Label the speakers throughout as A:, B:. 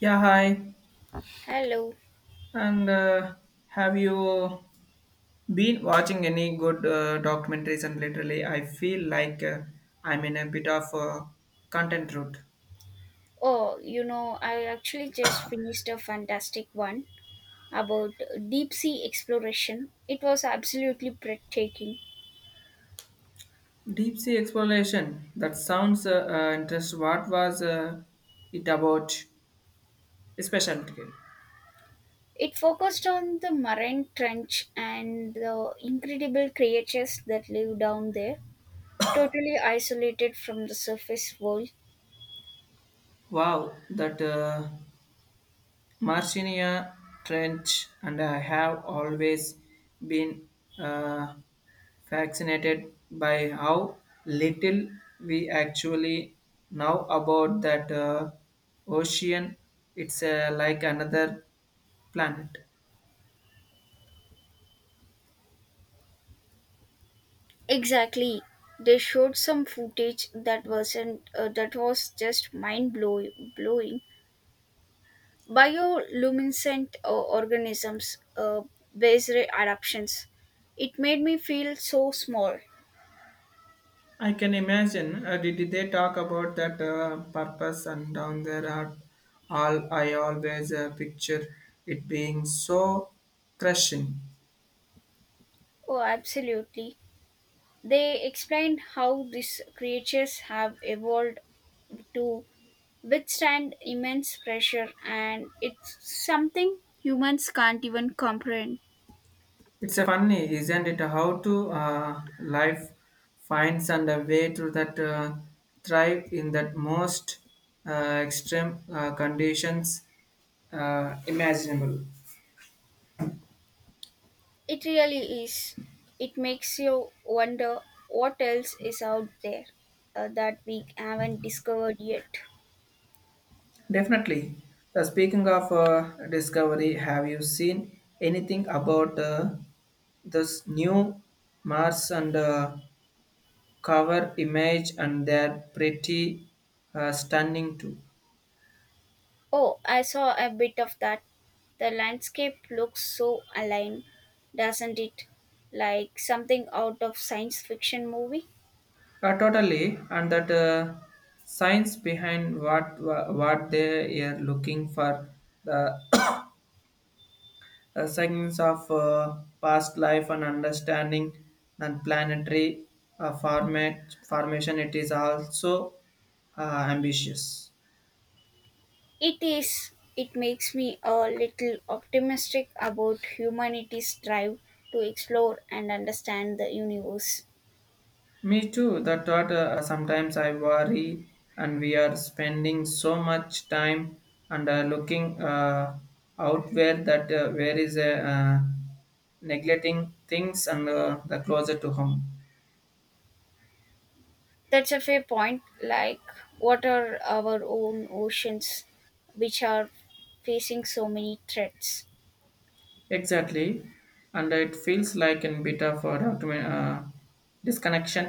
A: Yeah, hi.
B: Hello.
A: And Have you been watching any good documentaries? And literally, I feel like I'm in a bit of a content route.
B: Oh, you know, I actually just finished a fantastic one about deep sea exploration. It was absolutely breathtaking.
A: Deep sea exploration. That sounds interesting. What was it about? Especially.
B: It focused on the marine trench and the incredible creatures that live down there, totally isolated from the surface world.
A: Wow, that. Marcinia Trench, and I have always been uh, fascinated by how little we actually know about that ocean. It's like another planet.
B: Exactly. They showed some footage that wasn't that was just mind blow- blowing bioluminescent organisms based adaptations. It made me feel so small.
A: I can imagine. Did they talk about that purpose and down there are all I always picture it being so crushing.
B: Oh, absolutely. They explained how these creatures have evolved to withstand immense pressure, and it's something humans can't even comprehend.
A: It's a funny, isn't it? How to life finds and a way to that thrive in that most extreme conditions imaginable.
B: It really is. It makes you wonder what else is out there that we haven't discovered yet.
A: Definitely. Speaking of discovery, have you seen anything about this new Mars and cover image? And they're pretty stunning too.
B: Oh, I saw a bit of that. The landscape looks so alien, doesn't it? Like something out of science fiction movie.
A: Totally, and that science behind what they are looking for the signs of past life and understanding and planetary formation. It is also ambitious.
B: It is. It makes me a little optimistic about humanity's drive to explore and understand the universe.
A: Me too. The thought sometimes I worry, and we are spending so much time and looking out where that where is a neglecting things and the closer to home.
B: That's a fair point. Like, what are our own oceans, which are facing so many threats?
A: Exactly, and it feels like in bit of a document, disconnection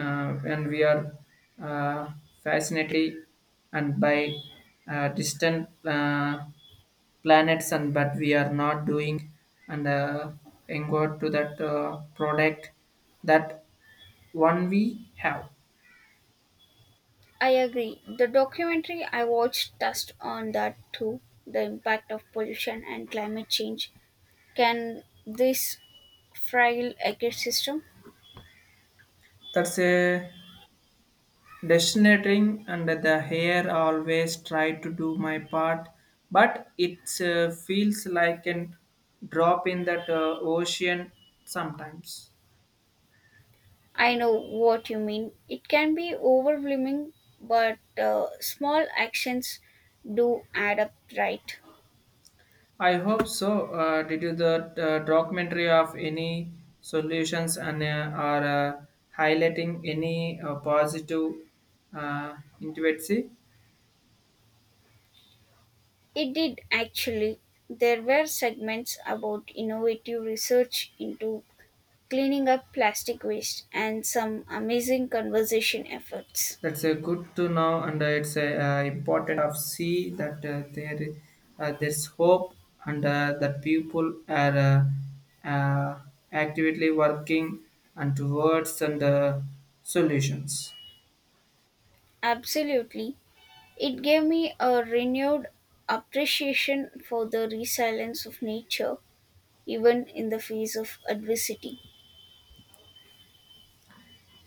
A: when we are uh, fascinated and by distant planets and but we are not doing and entered to that product that one we have.
B: I agree. The documentary I watched touched on that too, the impact of pollution and climate change. Can this fragile ecosystem?
A: That's a Destinating and the hair always try to do my part, but it feels like a drop in that ocean sometimes.
B: I know what you mean. It can be overwhelming, but small actions do add up, right?
A: I hope so. Did you the documentary of any solutions and are uh, highlighting any positive intimacy?
B: It did actually. There were segments about innovative research into cleaning up plastic waste and some amazing conservation efforts.
A: That's a good to know, and it's a, important of see that there's hope, and that people are uh, actively working and towards and solutions.
B: Absolutely. It gave me a renewed appreciation for the resilience of nature, even in the face of adversity.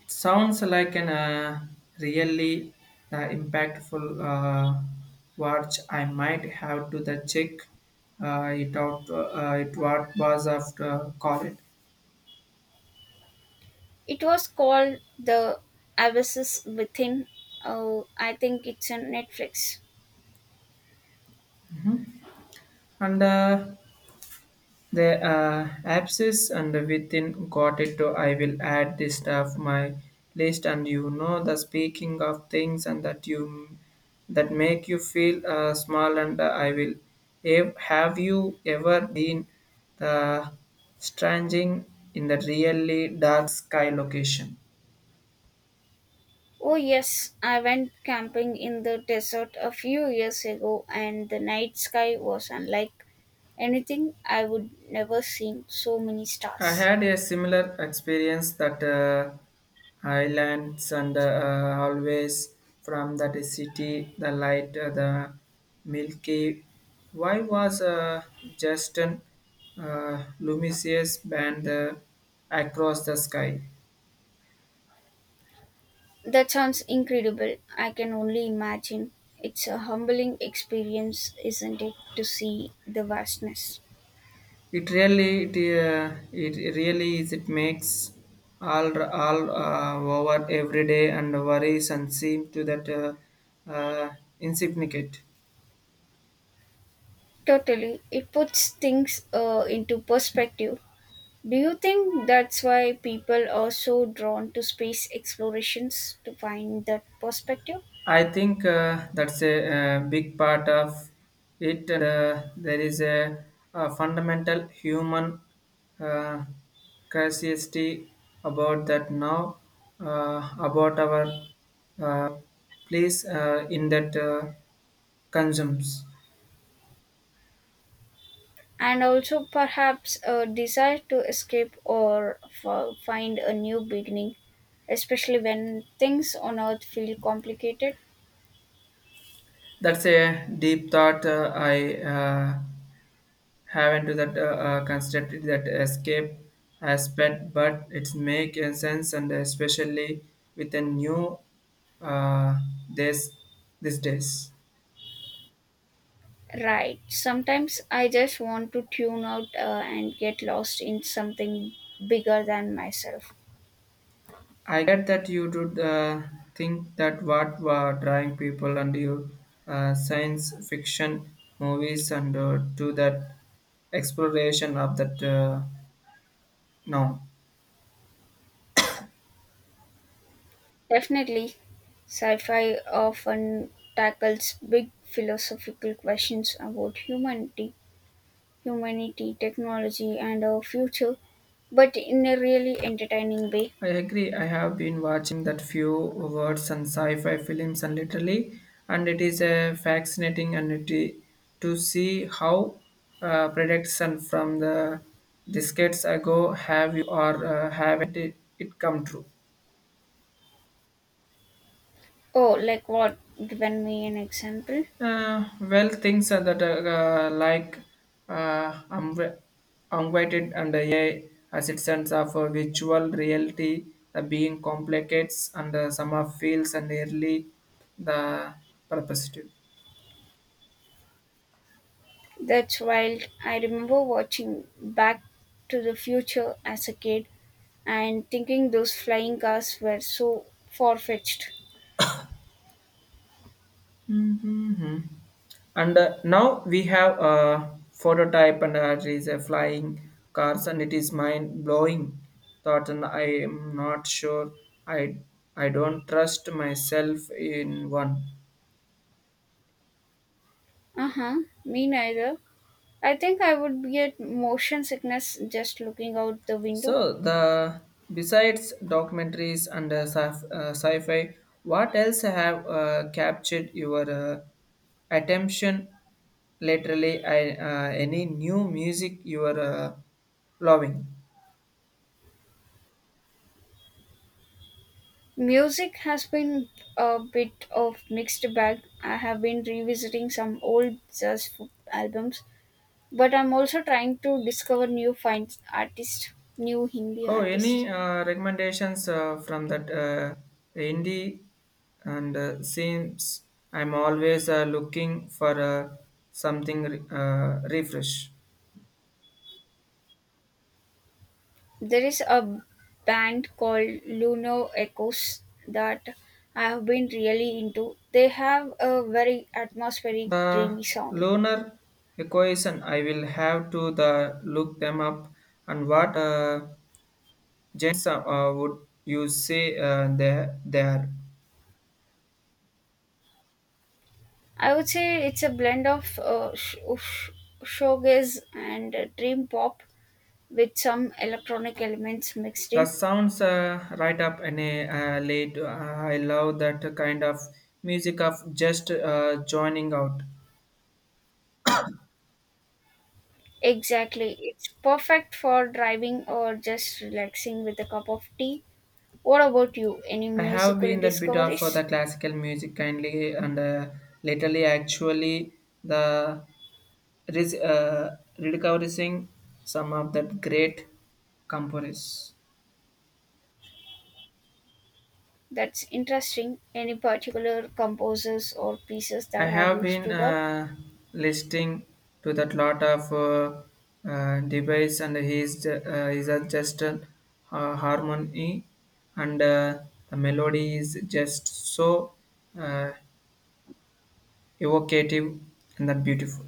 A: It sounds like an really impactful uh, watch. I might have to the check it out. It what was after call it
B: It was called The Abysses Within. Oh, I think it's on Netflix.
A: and. The abscess and within got it to I will add this stuff my list and you know The speaking of things and that you that make you feel small and I will have you ever been the stranging in the really dark sky location.
B: Oh, yes, I went camping in the desert a few years ago, and the night sky was unlike anything I would never seen so many
A: I
B: stars.
A: had a similar experience that islands and always from that city, the light, the Milky Why was just an luminous band across the sky?
B: That sounds incredible. I can only imagine. It's a humbling experience, isn't it, to see the vastness?
A: It really, it, it really is. It makes all over every day and worries and seem to that insignificant.
B: Totally. It puts things into perspective. Do you think that's why people are so drawn to space explorations to find that perspective?
A: I think that's a, big part of it. And, there is a fundamental human uh, curiosity about that now, about our uh, place in that consumes.
B: And also, perhaps, a desire to escape or find a new beginning, especially when things on Earth feel complicated?
A: That's a deep thought I haven't to that constructed that escape aspect, but it's make a sense and especially with a new uh, this these days.
B: Right. Sometimes I just want to tune out and get lost in something bigger than myself.
A: I get that you do think that what were drawing people and you science fiction movies and to that exploration of that now.
B: Definitely, sci fi often tackles big philosophical questions about humanity, technology, and our future, but in a really entertaining way.
A: I agree. I have been watching that few words and sci-fi films and literally, and it is a fascinating and to see how prediction from the decades ago have you or haven't it, it come true.
B: Oh, like what? Given me an example.
A: Well, things are that like uh, unv- unweighted and a I as it stands of a virtual reality, the being complicates and some of fields and early the purposive.
B: That's wild. I remember watching Back to the Future as a kid and thinking those flying cars were so far fetched.
A: And now we have a prototype and it is a flying cars and it is mind blowing thought and I am not sure I I don't trust myself in one.
B: Uh huh, me neither. I think I would get motion sickness just looking out the window.
A: So the besides documentaries and sci-fi, what else have captured your attention lately? I, any new music you are loving?
B: Music has been a bit of mixed bag. I have been revisiting some old albums, but I'm also trying to discover new Hindi
A: Oh,
B: artists.
A: any recommendations from that indie and seems I'm always looking for something refresh.
B: There is a band called Lunar Echoes that I have been really into. They have a very atmospheric,
A: The
B: dreamy sound.
A: loner equation I will have to the look them up and what gens would you say there.
B: I would say it's a blend of showgaze and dream pop with some electronic elements mixed
A: That
B: in.
A: sounds right up in a late I love that kind of music of just joining out.
B: Exactly. It's perfect for driving or just relaxing with a cup of tea. What about you? Any
A: I have
B: musical
A: been that bit of the
B: discoveries?
A: classical music kindly and lately actually the rediscovering some of the great composers.
B: That's interesting. Any particular composers or pieces
A: I
B: that have
A: have
B: you
A: been
B: stood up?
A: listening to that lot of device and his are just a harmony and the melody is just so uh, evocative and that beautiful.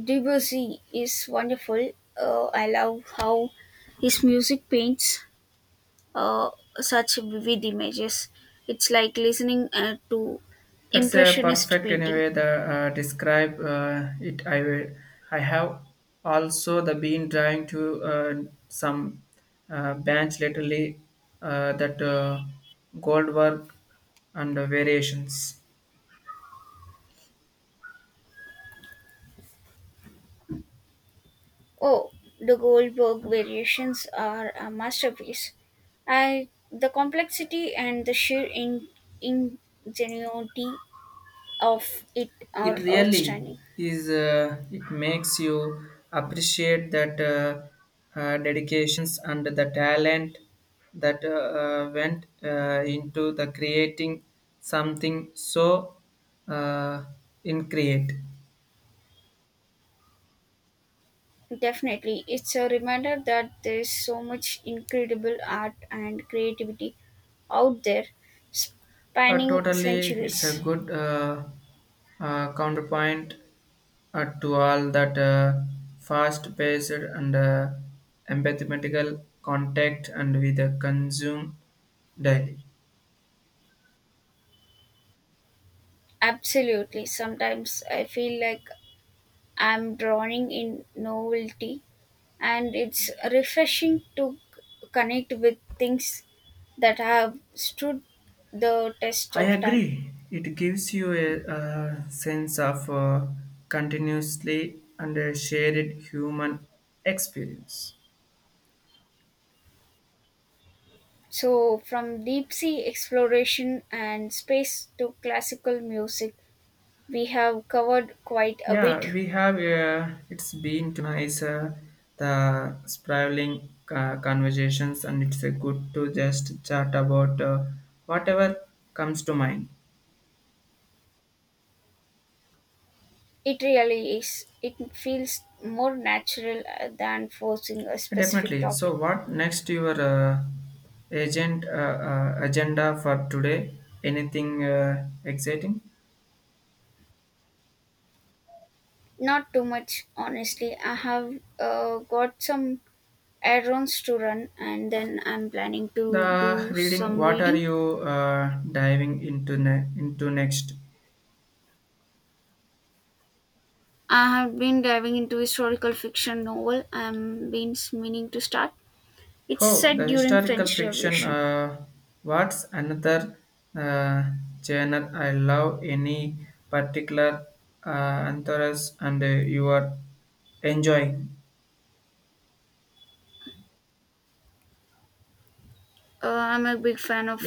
B: Debussy is wonderful. I love how his music paints uh, such vivid images. It's like listening to
A: That's a
B: impressionist
A: perfect
B: painting.
A: anyway. The describe it. I will. I have also the been trying to some bands lately that gold work and variations.
B: Oh, the Goldberg variations are a masterpiece. I the complexity and the sheer ingenuity of it
A: It
B: are
A: really
B: outstanding.
A: is it makes you appreciate that dedications and the talent that went into the creating something so uh, in create.
B: Definitely, it's a reminder that there's so much incredible art and creativity out there spanning
A: Totally, it's a
B: centuries.
A: good counterpoint to all that fast paced and empathetical contact and with the consume daily.
B: Absolutely, sometimes I feel like I'm drawing in novelty, and it's refreshing to connect with things that have stood the test
A: I
B: of time.
A: agree. It gives you a, sense of continuously and a shared human experience.
B: So, from deep sea exploration and space to classical music, we have covered quite a bit.
A: Yeah, we have. It's been nice the sprawling conversations, and it's good to just chat about whatever comes to mind.
B: It really is. It feels more natural than forcing a specific
A: Definitely. So,
B: topic.
A: what next? Your agent agenda for today? Anything exciting?
B: Not too much, honestly. I have got some errands to run, and then I'm planning to
A: The
B: do
A: reading,
B: some
A: what are
B: reading.
A: you diving into next?
B: I have been diving into historical fiction novel I'm been meaning to start. It's
A: Oh,
B: set
A: the
B: during
A: historical
B: French
A: fiction.
B: Revolution.
A: What's another uh, genre I love? Any particular authors and you are enjoying?
B: I'm a big fan
A: Yeah.
B: of